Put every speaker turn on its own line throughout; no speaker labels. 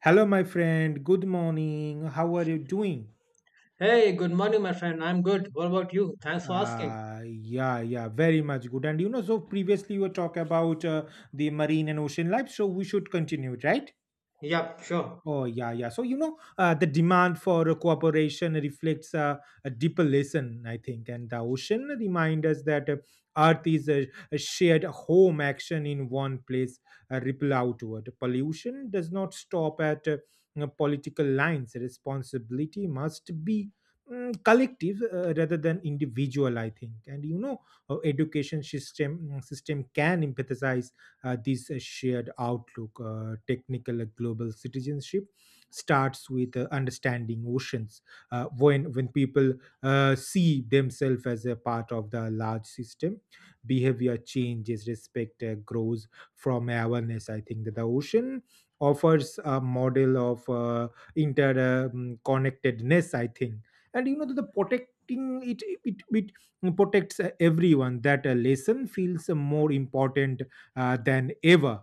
Hello, my friend. Good morning. How are you doing?
Hey, good morning, my friend. I'm good. What about you? Thanks for asking.
Yeah, very much good. And you know, so previously you were talking about the marine and ocean life, so we should continue, right?
Yep, sure.
Oh, yeah, yeah. So, the demand for cooperation reflects a deeper lesson, I think. And the ocean reminds us that Earth is a shared home action in one place, ripple outward. Pollution does not stop at political lines. Responsibility must be collective rather than individual, I think. And education system can empathize this shared outlook. Technical global citizenship starts with understanding oceans. When people see themselves as a part of the large system, behavior changes, respect grows from awareness. I think that the ocean offers a model of interconnectedness, I think, and you know that the protecting it protects everyone. That lesson feels more important than ever.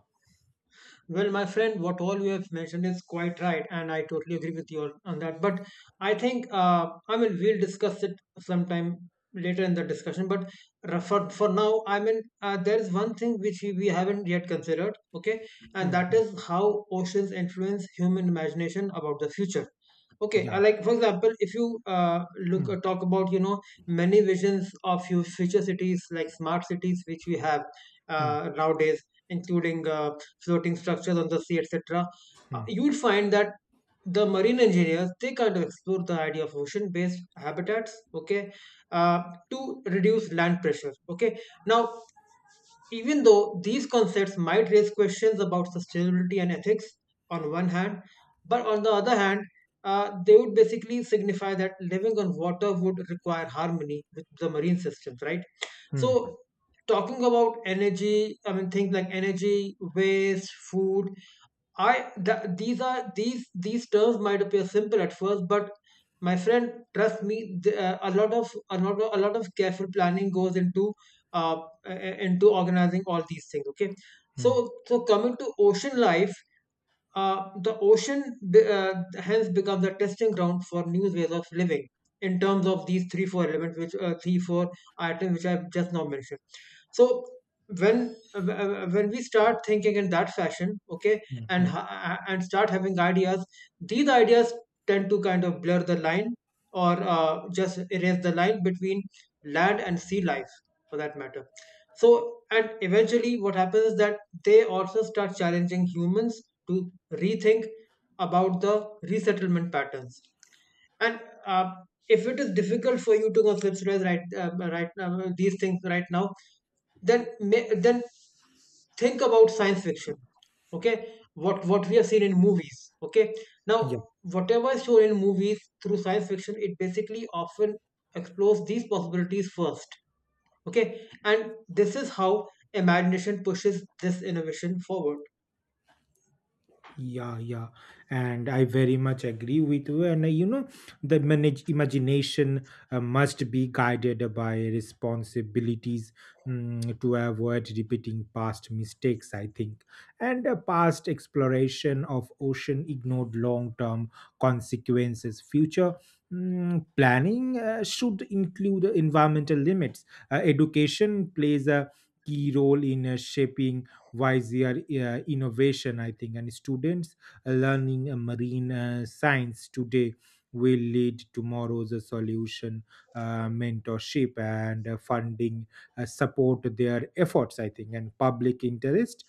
Well, my friend, what all you have mentioned is quite right, and I totally agree with you on that. But I think, I mean, we'll discuss it sometime later in the discussion. But for now, I mean, there is one thing which we haven't yet considered, okay? And that
Mhm.
is how oceans influence human imagination about the future. Okay,
Yeah.
like for example, if you look
Mm,
talk about many visions of future cities like smart cities which we have
mm,
nowadays, including floating structures on the sea, etc.
mm,
You will find that the marine engineers they kind of explore the idea of ocean-based habitats. Okay, uh, to reduce land pressure. Okay, now even though these concepts might raise questions about sustainability and ethics on one hand, but on the other hand, they would basically signify that living on water would require harmony with the marine systems, right? So,
mm,
talking about energy, I mean, things like energy, waste, food, these are these terms might appear simple at first, but my friend, trust me, a lot of a lot of careful planning goes uh, into organizing all these things. Okay, so
mm,
so coming to ocean life, the ocean be- uh, hence becomes the testing ground for new ways of living in terms of these three four elements which three four items which I've just now mentioned. So when we start thinking in that fashion, okay, and
mm,
and start having ideas, these ideas tend to kind of blur the line or just erase the line between land and sea life, for that matter. So and eventually what happens is that they also start challenging humans to rethink about the resettlement patterns. And uh, if it is difficult for you to conceptualize right now, these things right now, then then think about science fiction. Okay, what we have seen in movies. Okay, now
mm.
whatever is shown in movies through science fiction, it basically often explores these possibilities first. Okay, and this is how imagination pushes this innovation forward.
Yeah, yeah, and I very much agree with you. And you know, the manage imagination must be guided by responsibilities, to avoid repeating past mistakes, I think. And past exploration of ocean ignored long-term consequences. Future planning should include environmental limits. Education plays a key role in shaping wiser innovation, I think. And students learning marine science today will lead tomorrow's solution. Mentorship and funding support their efforts, I think, and public interest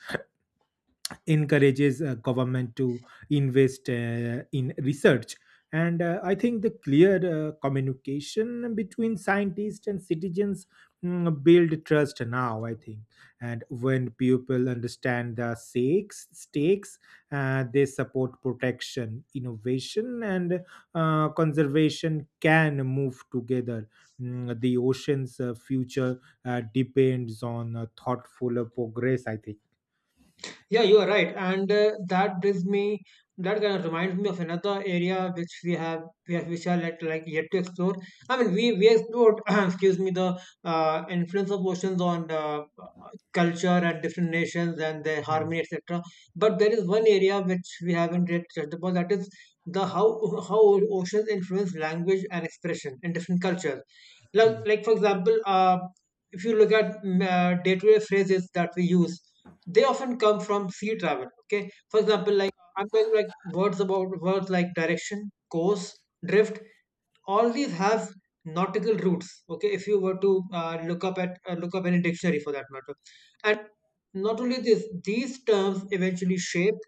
encourages government to invest in research. And I think the clear communication between scientists and citizens build trust now, I think. And when people understand the stakes, they support protection innovation, and conservation can move together. The ocean's future depends on thoughtful progress, I think.
Yeah, you are right, and that brings me. That kind of reminds me of another area which we have, which are like yet to explore. I mean, we explored, excuse me, the influence of oceans on culture and different nations and their
Mm,
harmony, etc. But there is one area which we haven't yet touched upon. That is the how oceans influence language and expression in different cultures.
mm,
Like for example, if you look at day-to-day phrases that we use, they often come from sea travel. Okay, for example, like I'm going like, words about words like direction, course, drift, all these have nautical roots. Okay, if you were to look up any dictionary for that matter. And not only this, these terms eventually shape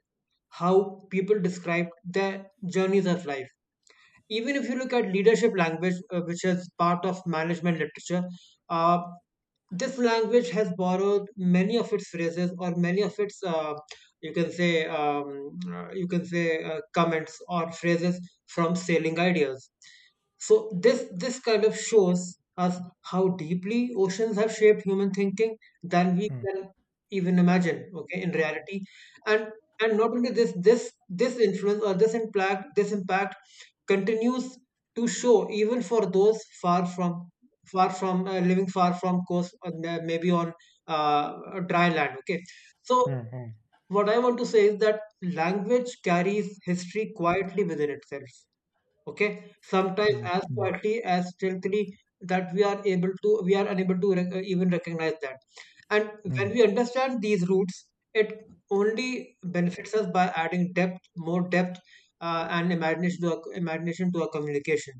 how people describe their journeys of life. Even if you look at leadership language, which is part of management literature, uh, this language has borrowed many of its phrases or many of its you can say comments or phrases from sailing ideas. So this kind of shows us how deeply oceans have shaped human thinking than we
mm.
can even imagine, okay, in reality. and and not only this, this influence or this impact, this impact continues to show even for those far from living far from coast, may- maybe on dry land. Okay, so
Mhm,
what I want to say is that language carries history quietly within itself. Okay, sometimes
mm,
as
mm,
quietly as stealthily that we are unable to even recognize that. And
mm, mm,
when we understand these roots, it only benefits us by adding depth, more depth, and imagination to imagination to our communication.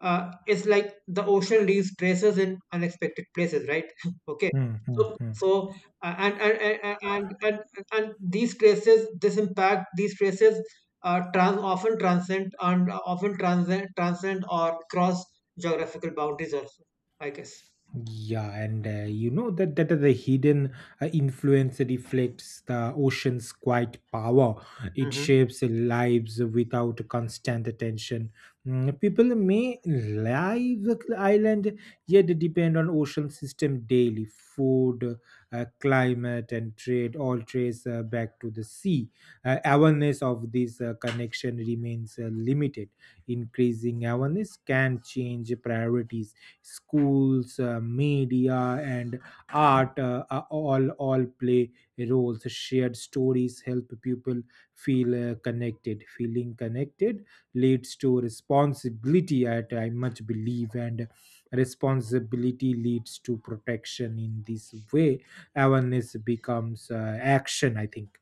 It's like the ocean leaves traces in unexpected places, right? Okay.
mm, mm.
So,
Mm.
so uh, and, and, and, and, and, and these traces, this impact, these traces often transcend and often transcend, transcend or cross geographical boundaries also, I guess.
Yeah, and you know that the hidden influence reflects the ocean's quiet power. It shapes lives without constant attention. Mm. People may live the island yet depend on ocean system daily. Food, climate, and trade all trace back to the sea. Awareness of this connection remains limited. Increasing awareness can change priorities. Schools, media, and art, are all play roles. Shared stories help people feel connected. Feeling connected leads to responsibility at, I much believe, and responsibility leads to protection. In this way, awareness becomes action, I think.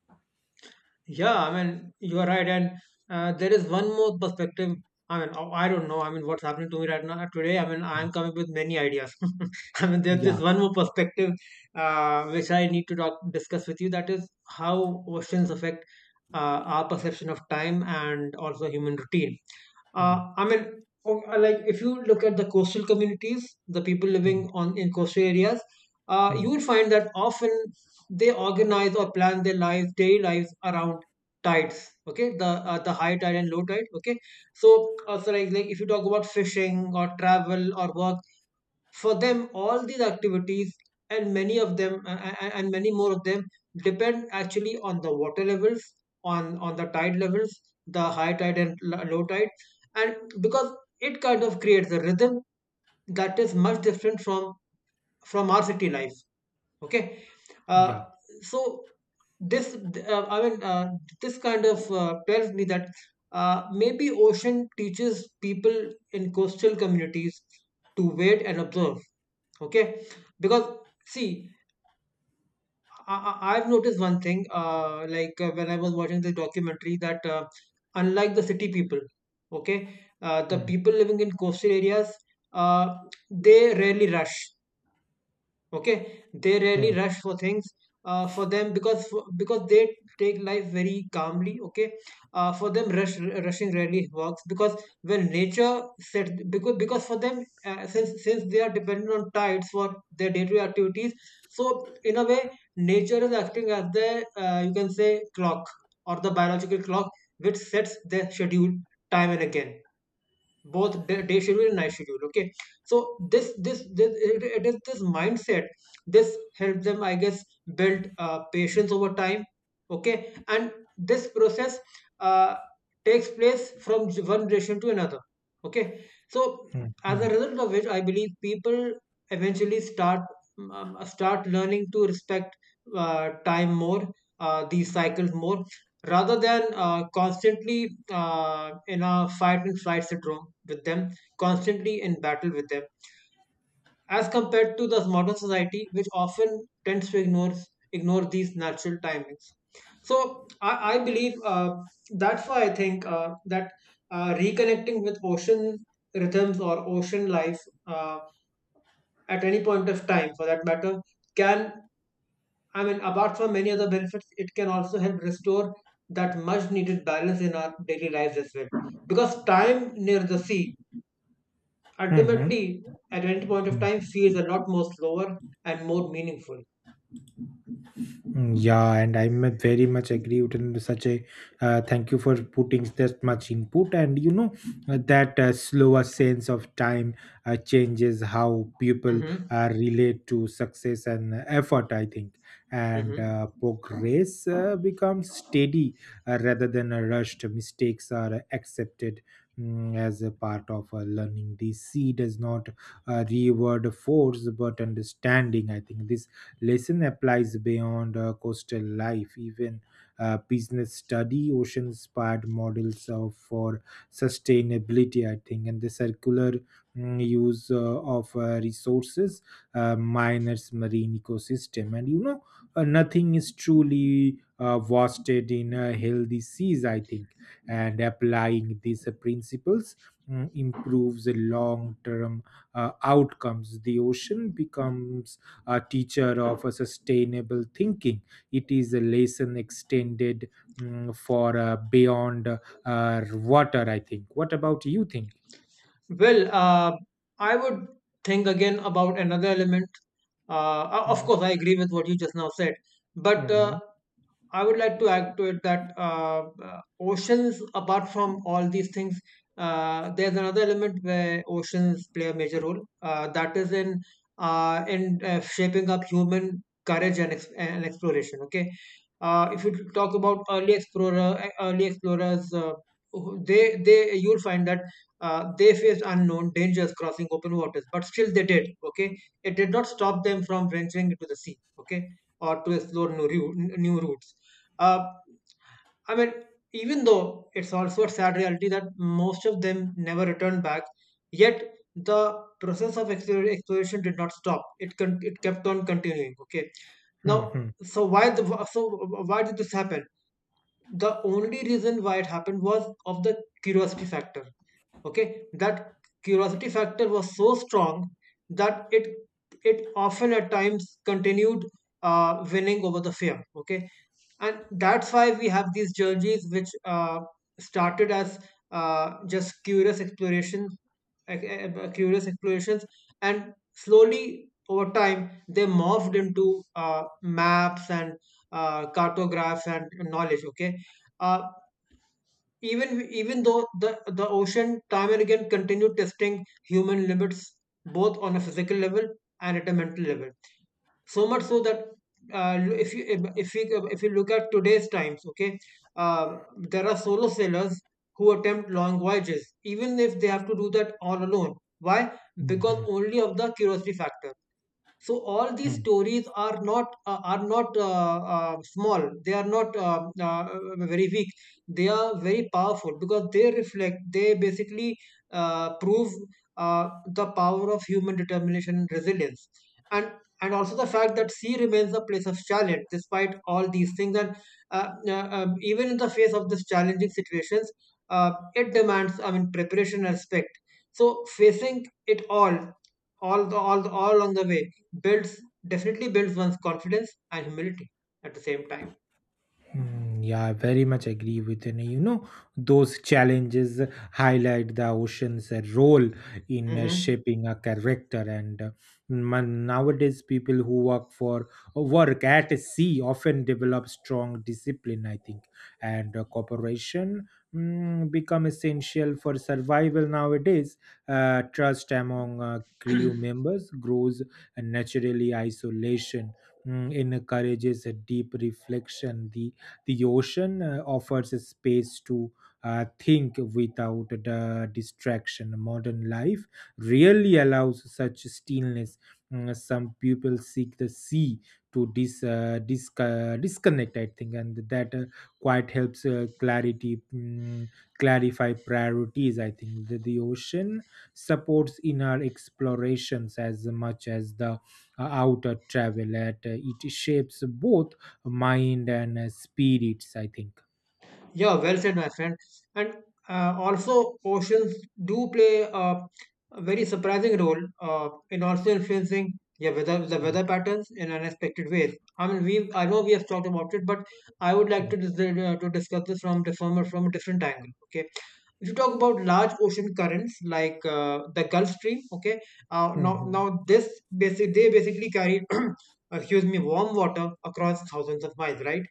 Yeah, I mean, you are right. And there is one more perspective. I mean, oh, I don't know. I mean, what's happening to me right now today? I mean,
Mm.
I'm coming with many ideas. I mean, there's this
Yeah.
one more perspective which I need to discuss with you. That is how oceans affect our perception of time and also human routine.
Hmm.
I mean, like if you look at the coastal communities, the people
Hmm.
living on in coastal areas,
Hmm.
you will find that often they organize or plan their daily lives around tides. Okay, the high tide and low tide. Okay, so also like if you talk about fishing or travel or work, for them all these activities and many of them and many more of them depend actually on the water levels, on the tide levels, the high tide and low tide, and because it kind of creates a rhythm that is much different from our city life. Okay, uh,
Yeah.
so this I mean, this kind of tells me that maybe ocean teaches people in coastal communities to wait and observe. Okay, because see, I've noticed one thing, when I was watching this documentary that unlike the city people, okay, the
Hmm.
people living in coastal areas, uh, they rarely rush. Okay, they rarely
Hmm.
rush for things, for them because because they take life very calmly. Okay, for them rushing rarely works because when nature set because for them, since they are dependent on tides for their day-to-day activities, so in a way nature is acting as the you can say clock or the biological clock which sets their schedule time and again, both day schedule and night schedule. Okay, so this it is this mindset, this helps them I guess build patience over time. Okay, and this process uh, takes place from one generation to another. Okay, so
Hmm.
as
Hmm.
a result of which I believe people eventually start start learning to respect time more, these cycles more, rather than constantly in a fight and flight syndrome with them, constantly in battle with them, as compared to the modern society, which often tends to ignore these natural timings. So I believe that's why I think that reconnecting with ocean rhythms or ocean life, uh, at any point of time, for that matter, can, I mean, apart from many other benefits, it can also help restore that much needed balance in our daily lives as well. Because time near the sea,
Hmm.
ultimately, at any point of time, feels a lot more slower and more meaningful.
Yeah, and I'm very much agree with in such a, thank you for putting that much input. And you know, that slower sense of time changes how people
Mm-hmm.
relate to success and effort, I think, and
Mm-hmm.
progress becomes steady rather than a rushed. Mistakes are accepted, as a part of learning. The seed is not reward force but understanding, I think. This lesson applies beyond coastal life. Even business study, ocean inspired models of, for sustainability, I think, and the circular use of resources, miners, marine ecosystem. And you know, nothing is truly wasted in a healthy seas, I think. And applying these principles improves the long term outcomes. The ocean becomes a teacher of a sustainable thinking. It is a lesson extended, for beyond water, I think. What about you think?
Well, I would think again about another element. O- of
Mm-hmm.
course, I agree with what you just now said, but
Mhm,
I would like to add to it that oceans, apart from all these things, there's another element where oceans play a major role. That is in shaping up human courage and exploration. Okay, if you talk about early explorers, they you'll find that they faced unknown dangers crossing open waters, but still they did. Okay, it did not stop them from venturing into the sea. Okay, or to explore new routes, uh, I mean, even though it's also a sad reality that most of them never returned back, yet the process of exploration did not stop. It it kept on continuing. Okay, now
mhm,
so why did this happen? The only reason why it happened was of the curiosity factor. Okay, that curiosity factor was so strong that it often at times continued winning over the fear. Okay, and that's why we have these journeys which started as just curious explorations like, uh, uh, curious explorations and slowly over time they morphed into maps and cartographs and knowledge. Okay. uh, even though the ocean time and again continued testing human limits, both on a physical level and at a mental level, so much so that uh, if you if we if you look at today's times. Okay. uh, there are solo sailors who attempt long voyages even if they have to do that all alone. Why? Because
mhm,
only of the curiosity factor. So all these
mhm.
stories are not small, they are not uh, very weak, they are very powerful because they basically prove uh, the power of human determination and resilience, and and also the fact that sea remains a place of challenge despite all these things. And uh, even in the face of these challenging situations, it demands, I mean, preparation and respect. So facing it all, all along the way builds definitely builds one's confidence and humility at the same time.
Mm, yeah, I very much agree with you. You know, those challenges highlight the ocean's role in
Hmm.
shaping a character. And man, nowadays, people who work for work at sea often develop strong discipline, I think, and cooperation become essential for survival nowadays. Trust among crew members grows naturally. Isolation encourages a deep reflection. The ocean offers a space to think without the distraction. Modern life really allows such stillness. Mm. Some people seek the sea to disconnect, I think, and that quite helps clarify priorities. I think the ocean supports inner explorations as much as the outer travel. At it shapes both mind and spirits, I think.
Yeah, well said, my friend. And also, oceans do play a very surprising role in also influencing, yeah, weather, the weather patterns in unexpected ways. I mean, we I know we have talked about it, but I would like
Hmm.
to to discuss this from a different angle. Okay, if you talk about large ocean currents like the Gulf Stream, okay, now
Hmm.
now this basic they basically carry excuse me, warm water across thousands of miles, right?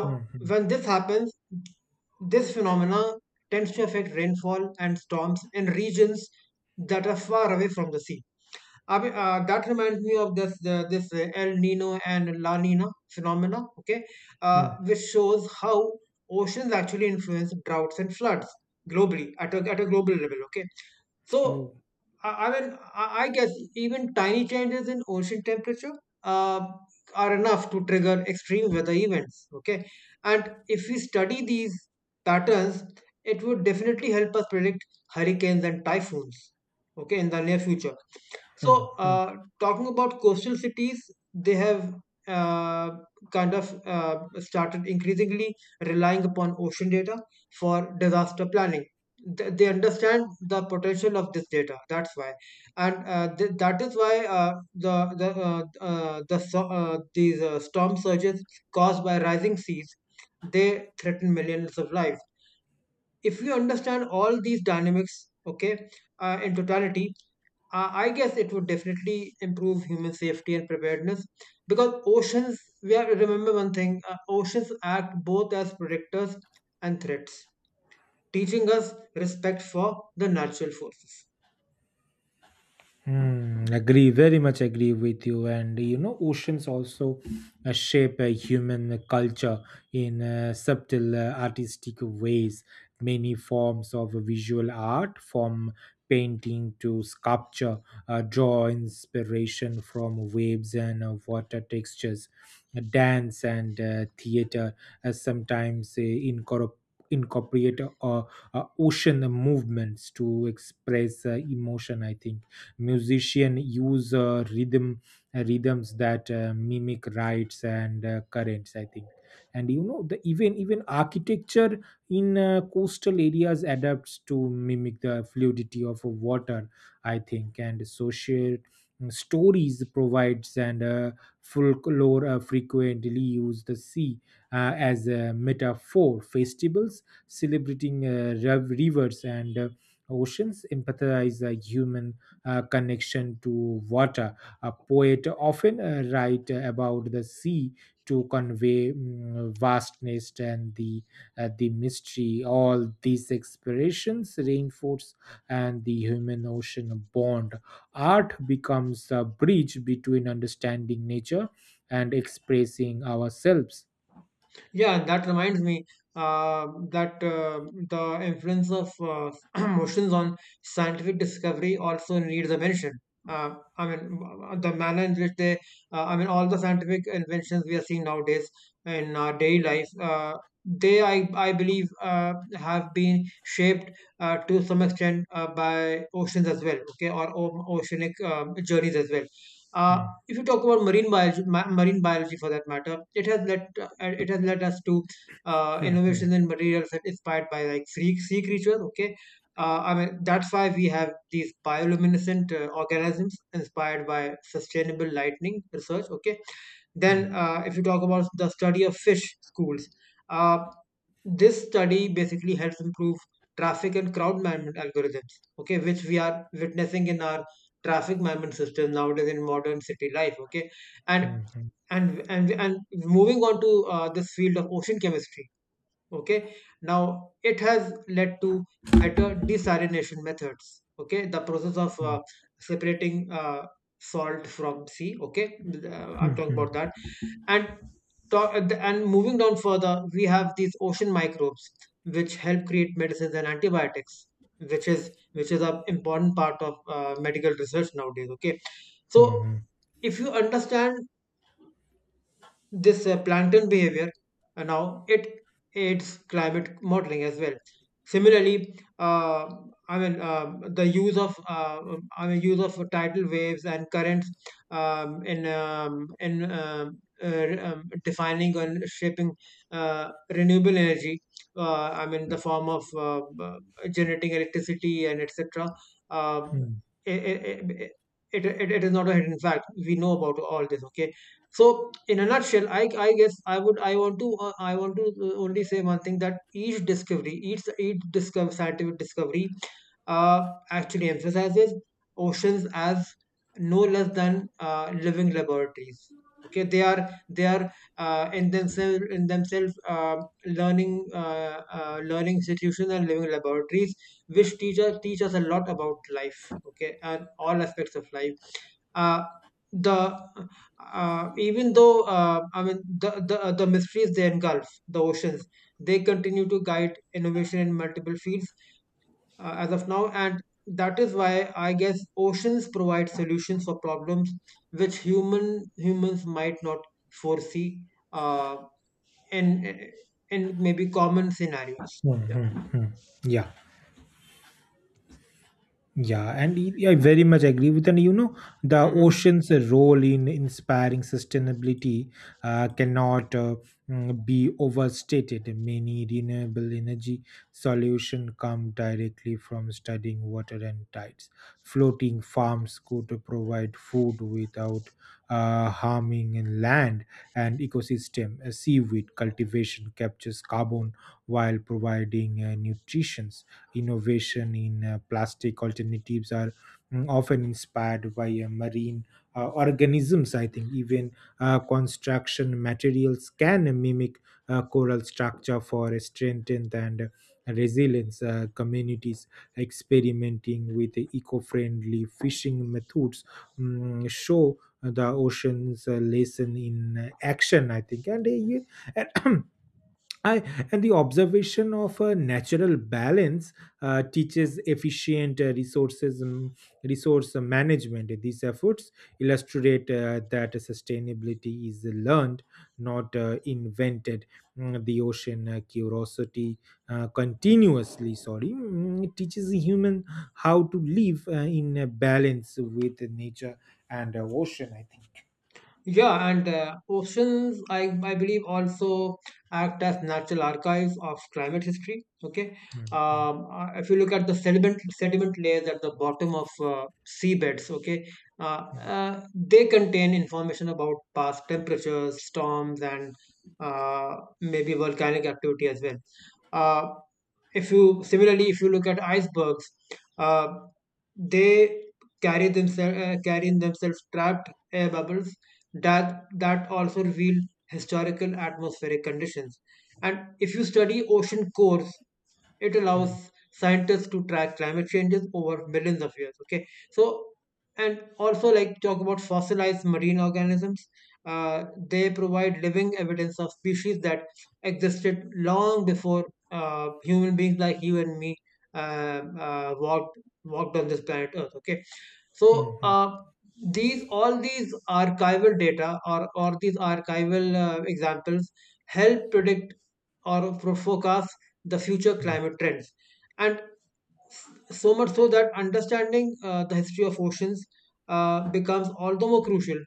Hmm. Hmm.
when this happens, this phenomena tends to affect rainfall and storms in regions that are far away from the sea. I That reminds me of this the this El Nino and La Nina phenomena. Okay,
Hmm.
which shows how oceans actually influence droughts and floods globally, at a global level. Okay, so,
Oh.
I guess even tiny changes in ocean temperature uh, are enough to trigger extreme weather events. Okay. And if we study these patterns, it would definitely help us predict hurricanes and typhoons. Okay, in the near future.
Hmm.
So,
Hmm.
talking about coastal cities, they have uh, kind of started increasingly relying upon ocean data for disaster planning. They understand the potential of this data, that's why. And that is why the the uh, these storm surges caused by rising seas, they threaten millions of lives. If you understand all these dynamics, okay, in totality, I guess it would definitely improve human safety and preparedness, because oceans, we have to remember one thing, oceans act both as protectors and threats, teaching us respect for the natural forces.
Hmm, agree, very much agree with you. And you know, oceans also shape human culture in subtle artistic ways. Many forms of visual art, from painting to sculpture, draw inspiration from waves and water textures. Dance and theater sometimes incorporate ocean movements to express emotion, I think. Musician use rhythms that mimic rites and currents, I think. And you know the, even architecture in coastal areas adapts to mimic the fluidity of water, I think. And social stories provides and folklore frequently use the sea as a metaphor. Festivals celebrating rivers and oceans empathize human connection to water. A poet often write about the sea to convey vastness and the mystery. All these expressions reinforce and the human ocean bond. Art becomes a bridge between understanding nature and expressing ourselves.
Yeah, and that reminds me that the influence of motions on scientific discovery also needs a mention. I mean, the manner in which I mean, all the scientific inventions we are seeing nowadays in our daily life, I believe, have been shaped to some extent by oceans as well, okay, or oceanic journeys as well. Uh,
Hmm,
if you talk about marine biology for that matter, it has led us to
hmm, hmm,
innovations in materials that inspired by like sea creatures. Okay, I mean that's why we have these bioluminescent organisms inspired by sustainable lightning research. Okay,
hmm,
then if you talk about the study of fish schools. Uh, this study basically helps improve traffic and crowd management algorithms, okay, which we are witnessing in our traffic management system nowadays in modern city life. Okay, and
hmm, hmm,
and moving on to this field of ocean chemistry, okay, now it has led to better desalination methods, okay, the process of
hmm,
separating salt from sea. Okay,
hmm,
I'm talking about
hmm,
that. And and moving down further, we have these ocean microbes which help create medicines and antibiotics, which is an important part of medical research nowadays. Okay, so
hmm,
if you understand this plankton behavior, now it aids climate modeling as well. Similarly, the use of use of tidal waves and currents in defining and shaping renewable energy, I mean the form of uh, generating electricity and etc. um,
hmm,
it, it, it, it it is not a hidden fact, we know about all this. Okay, so in a nutshell, I guess I want to only say one thing, that each scientific discovery uh, actually emphasizes oceans as no less than living laboratories. Okay, they are in themselves learning institutions and living laboratories, which teach us a lot about life, okay, and all aspects of life. Uh, the Even though I mean, the mysteries they engulf the oceans, they continue to guide innovation in multiple fields as of now, and that is why I guess oceans provide solutions for problems which humans might not foresee uh, in in maybe common scenarios.
hmm,
Yeah.
hmm, hmm. Yeah. Yeah, and I very much agree with, and you know, the
Hmm.
ocean's role in inspiring sustainability cannot be overstated. Many renewable energy solution come directly from studying water and tides. Floating farms could provide food without harming land and ecosystem. Seaweed cultivation captures carbon while providing nutrition. Innovation in plastic alternatives are often inspired by marine organisms, I think. Even construction materials can mimic coral structure for strength and resilience. Uh, communities experimenting with eco-friendly fishing methods show the ocean's lesson in action, I think. And, yeah, and I, and the observation of a natural balance teaches efficient resource management. These efforts illustrate that sustainability is learned, not invented. Mm. The ocean curiosity continuously, sorry, teaches the human how to live in a balance with nature and ocean, I think.
Yeah, and oceans, I believe, also act as natural archives of climate history. Okay,
Mm, mm,
if you look at the sediment layers at the bottom of seabeds, okay, they contain information about past temperatures, storms, and maybe volcanic activity as well. Uh, if if you look at icebergs, uh, they carry in themselves trapped air bubbles that also reveal historical atmospheric conditions. And if you study ocean cores, it
mm,
allows scientists to track climate changes over millions of years. Okay, so and also like talk about fossilized marine organisms, uh, they provide living evidence of species that existed long before human beings like you and me uh, uh, walked walked on this planet earth. Okay,
mm,
so
mm,
these all these archival data, or these archival examples help predict forecast the future
mm.
climate trends. And so much so that understanding the history of oceans becomes all the more crucial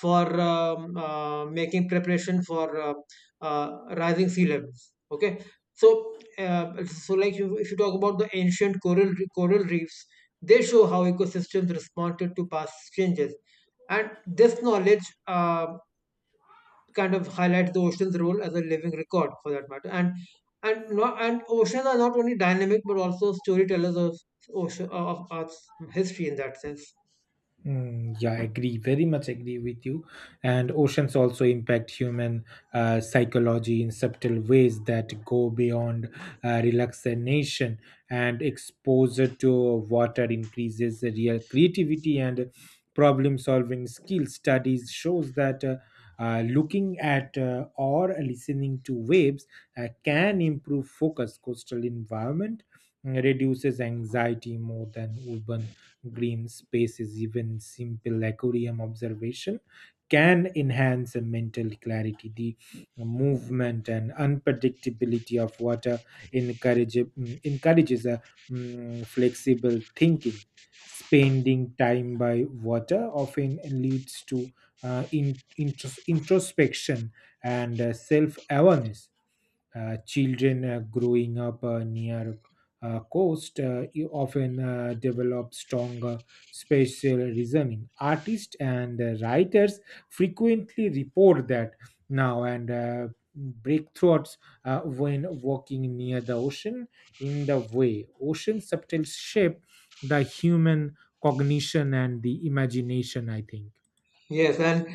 for making preparation for uh, rising sea levels. Okay, so so like you, if you talk about the ancient coral reefs, they show how ecosystems responded to past changes, and this knowledge kind of highlights the ocean's role as a living record for that matter. And not and oceans are not only dynamic but also storytellers of ocean of earth's history in that sense.
Mm, yeah, I agree. Very much agree with you. And oceans also impact human psychology in subtle ways that go beyond relaxation. And exposure to water increases the real creativity and problem-solving skills. Studies shows that looking at or listening to waves can improve focus. Coastal environment reduces anxiety more than urban green spaces. Even simple aquarium observation can enhance a mental clarity. The movement and unpredictability of water encourages a flexible thinking. Spending time by water often leads to introspection and self awareness. Uh, children growing up near coast, you often develop stronger spatial reasoning. Artists and writers frequently report that now and breakthroughs when walking near the ocean in the way ocean subtle shape the human cognition and the imagination, I think.
Yes, and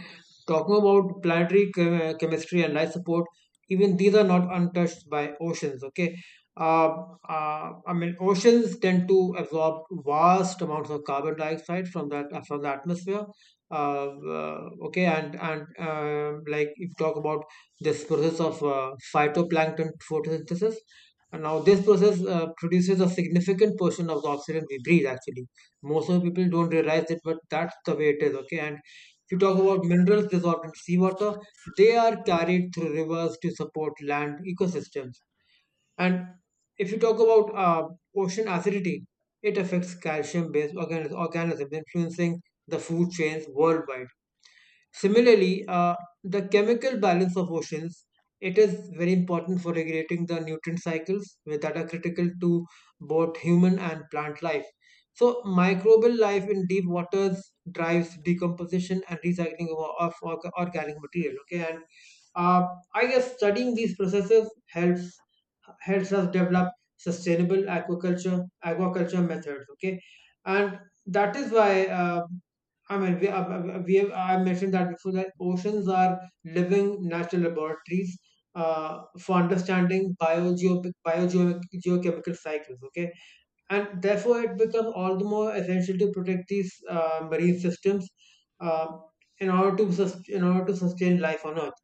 talking about planetary chemistry and life support, even these are not untouched by oceans. Okay, uh, I mean oceans tend to absorb vast amounts of carbon dioxide from the atmosphere. Uh, uh, okay, and um, like if you talk about this process of phytoplankton photosynthesis, and now this process produces a significant portion of the oxygen we breathe. Actually, most of the people don't realize it, but that's the way it is. Okay, and if you talk about minerals dissolved in seawater, they are carried through rivers to support land ecosystems. And if you talk about ocean acidity, it affects calcium based organisms, influencing the food chains worldwide. Similarly, the chemical balance of oceans, it is very important for regulating the nutrient cycles that are critical to both human and plant life. So, microbial life in deep waters drives decomposition and recycling of organic material. Okay, and uh, I guess studying these processes helps us develop sustainable aquaculture methods. Okay, and that is why. I mean, we have, I mentioned that before, that oceans are living natural laboratories for understanding biogeochemical cycles. Okay, and therefore it becomes all the more essential to protect these marine systems uh, in order to sustain life on Earth.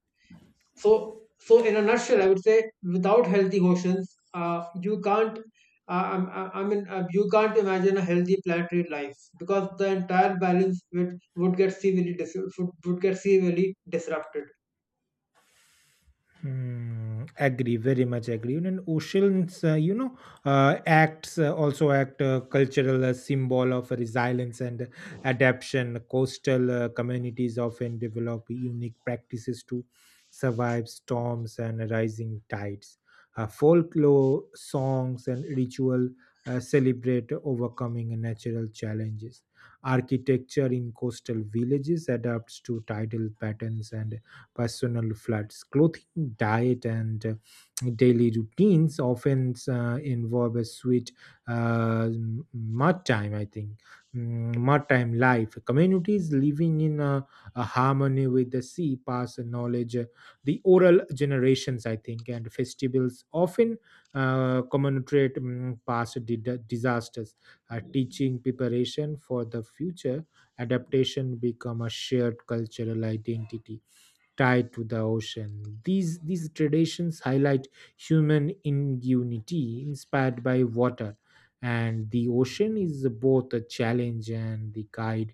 So so in a nutshell I would say, without healthy oceans, you can't I mean you can't imagine a healthy planetary life, because the entire balance would get severely would get severely disrupted.
Hmm, agree, very much agree. And oceans, you know, acts also act cultural symbol of resilience and adaptation. Coastal communities often develop unique practices to survive storms and rising tides. Folklore songs and ritual celebrate overcoming natural challenges. Architecture in coastal villages adapts to tidal patterns and personal floods. Clothing, diet, and daily routines often involve a sweet mud time, I think. Mm, mud time life. Communities living in a harmony with the sea pass knowledge, the oral generations, I think, and festivals often commemorate past disasters, teaching preparation for the future. Adaptation become a shared cultural identity tied to the ocean. These traditions highlight human ingenuity inspired by water, and the ocean is both a challenge and the guide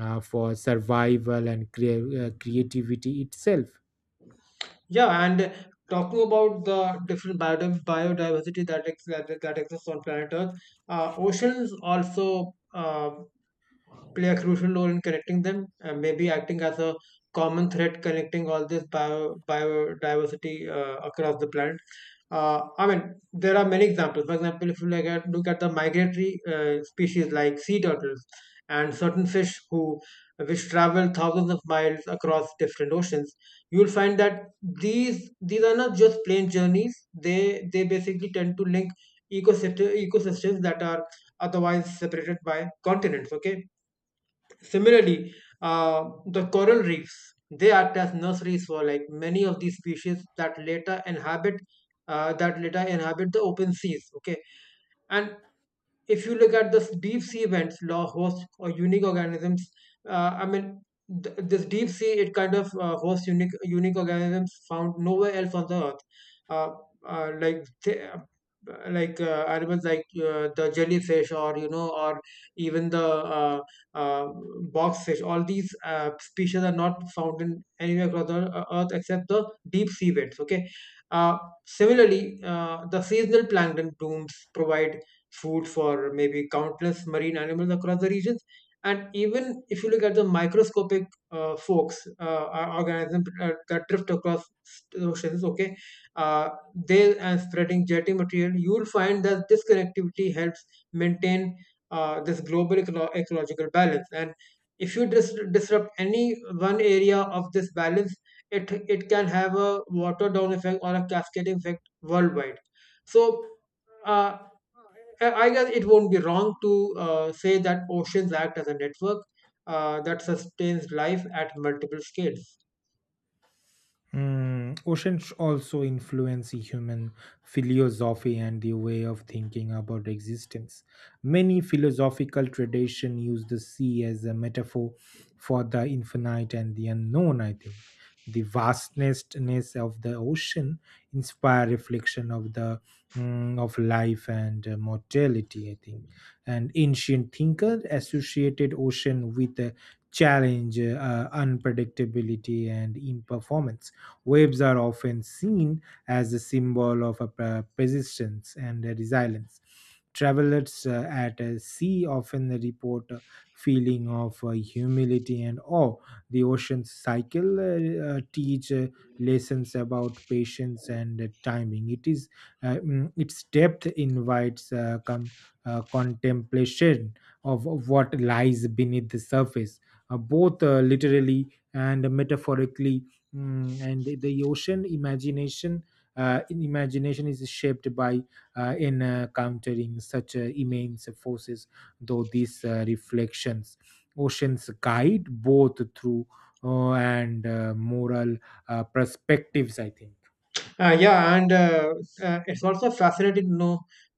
for survival and creativity itself.
Yeah, and talking about the different biodiversity that, ex- that that exists on planet earth, oceans also play a crucial role in connecting them and maybe acting as a common thread connecting all this biodiversity across the planet. I mean, there are many examples. For example, if you look at the migratory species like sea turtles and certain fish who which travel thousands of miles across different oceans, you will find that these are not just plain journeys. They basically tend to link ecosystems that are otherwise separated by continents. Okay, similarly, the coral reefs, they act as nurseries for like many of these species that later inhabit the open seas. Okay, and if you look at this deep sea vents, law hosts or unique organisms, I mean, this deep sea, it kind of hosts unique organisms found nowhere else on the earth. Uh, uh, like, th- uh, animals like the jellyfish or you know or even the uh, box fish, all these species are not found in anywhere across the earth except the deep sea vents, okay. Uh, similarly uh, the seasonal plankton blooms provide food for maybe countless marine animals across the regions. And even if you look at the microscopic forks, organisms that drift across the oceans, okay, uh, they and spreading jetty material, you will find that this connectivity helps maintain this global ecological balance. And if you disrupt any one area of this balance, it can have a water down effect or a cascading effect worldwide. So. Uh, I I guess it won't be wrong to say that oceans act as a network that sustains life at multiple scales.
Mm, oceans also influence human philosophy and the way of thinking about existence. Many philosophical traditions use the sea as a metaphor for the infinite and the unknown, I think. The vastness of the ocean inspire reflection of the, of life and mortality, I think. And ancient thinkers associated ocean with challenge, unpredictability, and imperformance. Waves are often seen as a symbol of a persistence and a resilience. Travelers at a sea often report a feeling of humility and awe. The ocean cycle teach lessons about patience and timing. It is its depth invites contemplation of what lies beneath the surface, both literally and metaphorically. And the ocean imagination in imagination is shaped by in countering such immense forces. Though these reflections, oceans guide both through and moral perspectives, I think.
Yeah, and it's also fascinating to know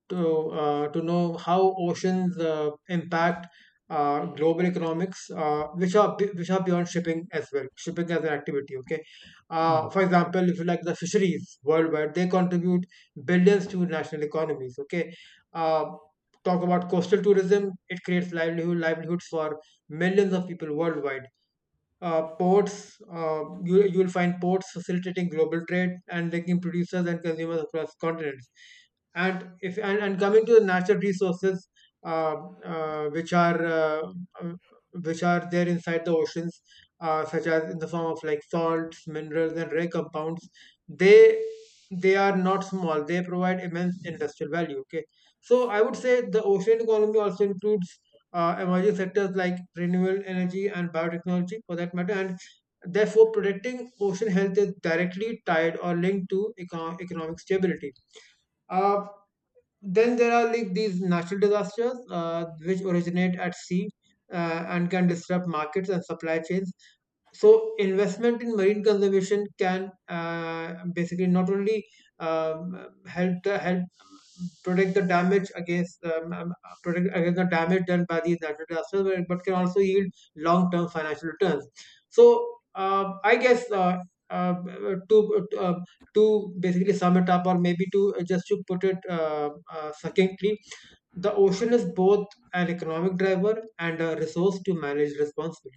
to uh, to know how oceans impact global economics, which are beyond shipping as well. Shipping as an activity, okay.
Mm.
For example, if you like, the fisheries worldwide, they contribute billions to national economies, okay. Uh, Talk about coastal tourism; it creates livelihoods for millions of people worldwide. Ports, you will find ports facilitating global trade and linking producers and consumers across continents. And if and, and coming to the natural resources, uh, uh, which are uh, uh, which are there inside the oceans, such as in the form of like salts, minerals, and rare compounds, they they are not small. They provide immense industrial value. Okay, so I would say the ocean economy also includes emerging sectors like renewable energy and biotechnology, for that matter, and therefore protecting ocean health is directly tied or linked to economic stability. uh, then there are like these natural disasters which originate at sea and can disrupt markets and supply chains, so investment in marine conservation can basically not only help protect the damage against protect against the damage done by these natural disasters, but can also yield long term financial returns. So, I guess uh, to uh, to basically sum it up, or maybe to just to put it succinctly, the ocean is both an economic driver and a resource to manage responsibly.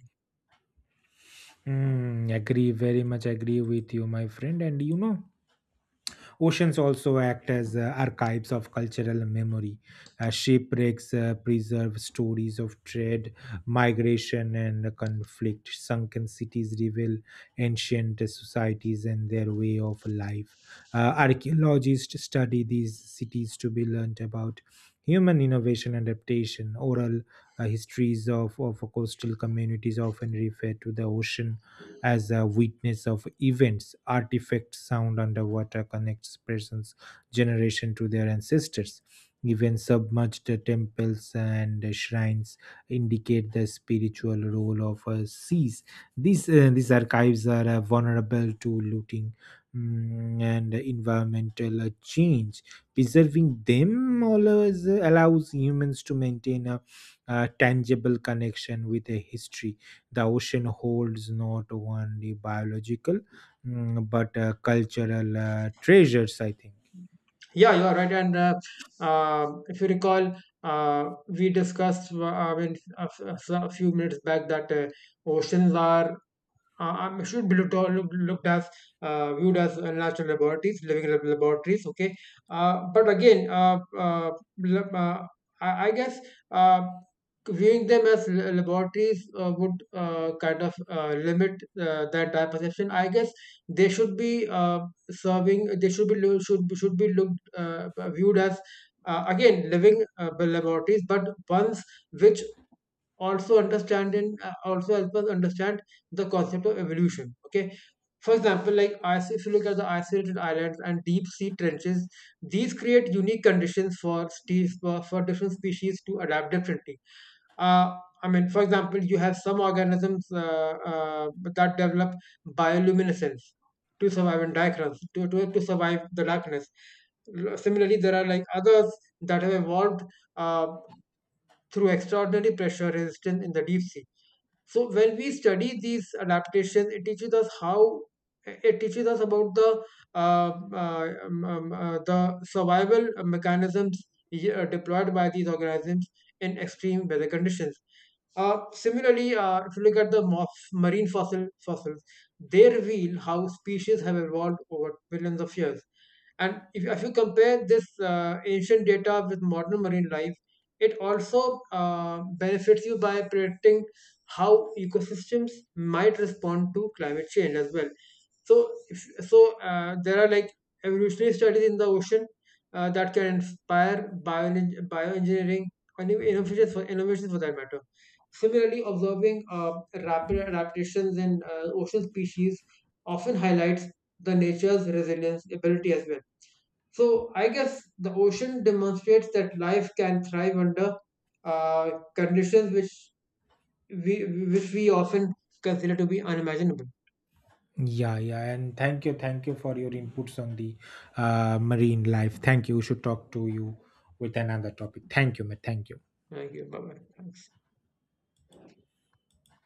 Mm, agree, very much agree with you, my friend. And you know, oceans also act as archives of cultural memory. Shipwrecks preserve stories of trade, migration, and conflict. Sunken cities reveal ancient societies and their way of life. Archaeologists study these cities to be learned about human innovation and adaptation. Oral histories of coastal communities often refer to the ocean as a witness of events, artifacts, sound underwater connects persons generation to their ancestors. Even submerged temples and shrines indicate the spiritual role of seas. These archives are vulnerable to looting and environmental change. Preserving them always allows humans to maintain a tangible connection with a history. The ocean holds not only biological, but cultural treasures, I think.
Yeah, you are right. And if you recall, we discussed a a few minutes back that oceans are should be looked, all- look, looked as viewed as national laboratories, living laboratories. Okay, but again, lab- I guess uh, viewing them as laboratories would kind of limit that type of perception. I guess they should be serving. They should be looked viewed as. Again, living laboratories, but ones which also understand and also help us understand the concept of evolution. Okay, for example, if you look at the isolated islands and deep sea trenches, these create unique conditions for different species to adapt differently. uh, for example, you have some organisms that develop bioluminescence to survive in darkness, to survive the darkness. Similarly, there are like others that have evolved uh, through extraordinary pressure resistance in the deep sea. So when we study these adaptations, it teaches us about the survival mechanisms deployed by these organisms in extreme weather conditions. Similarly, if you look at the moth, marine fossils, they reveal how species have evolved over billions of years. And if you compare this ancient data with modern marine life, it also benefits you by predicting how ecosystems might respond to climate change as well. So, if, so there are like evolutionary studies in the ocean that can inspire bioengineering and even innovations, for that matter. Similarly, observing rapid adaptations in ocean species often highlights the nature's resilience ability as well. So, I guess the ocean demonstrates that life can thrive under uh, conditions which which we often consider to be unimaginable.
Yeah, yeah, and thank you for your inputs on the marine life. Thank you. We should talk to you with another topic. Thank you, mate. Thank you.
Thank you. Bye bye. Thanks.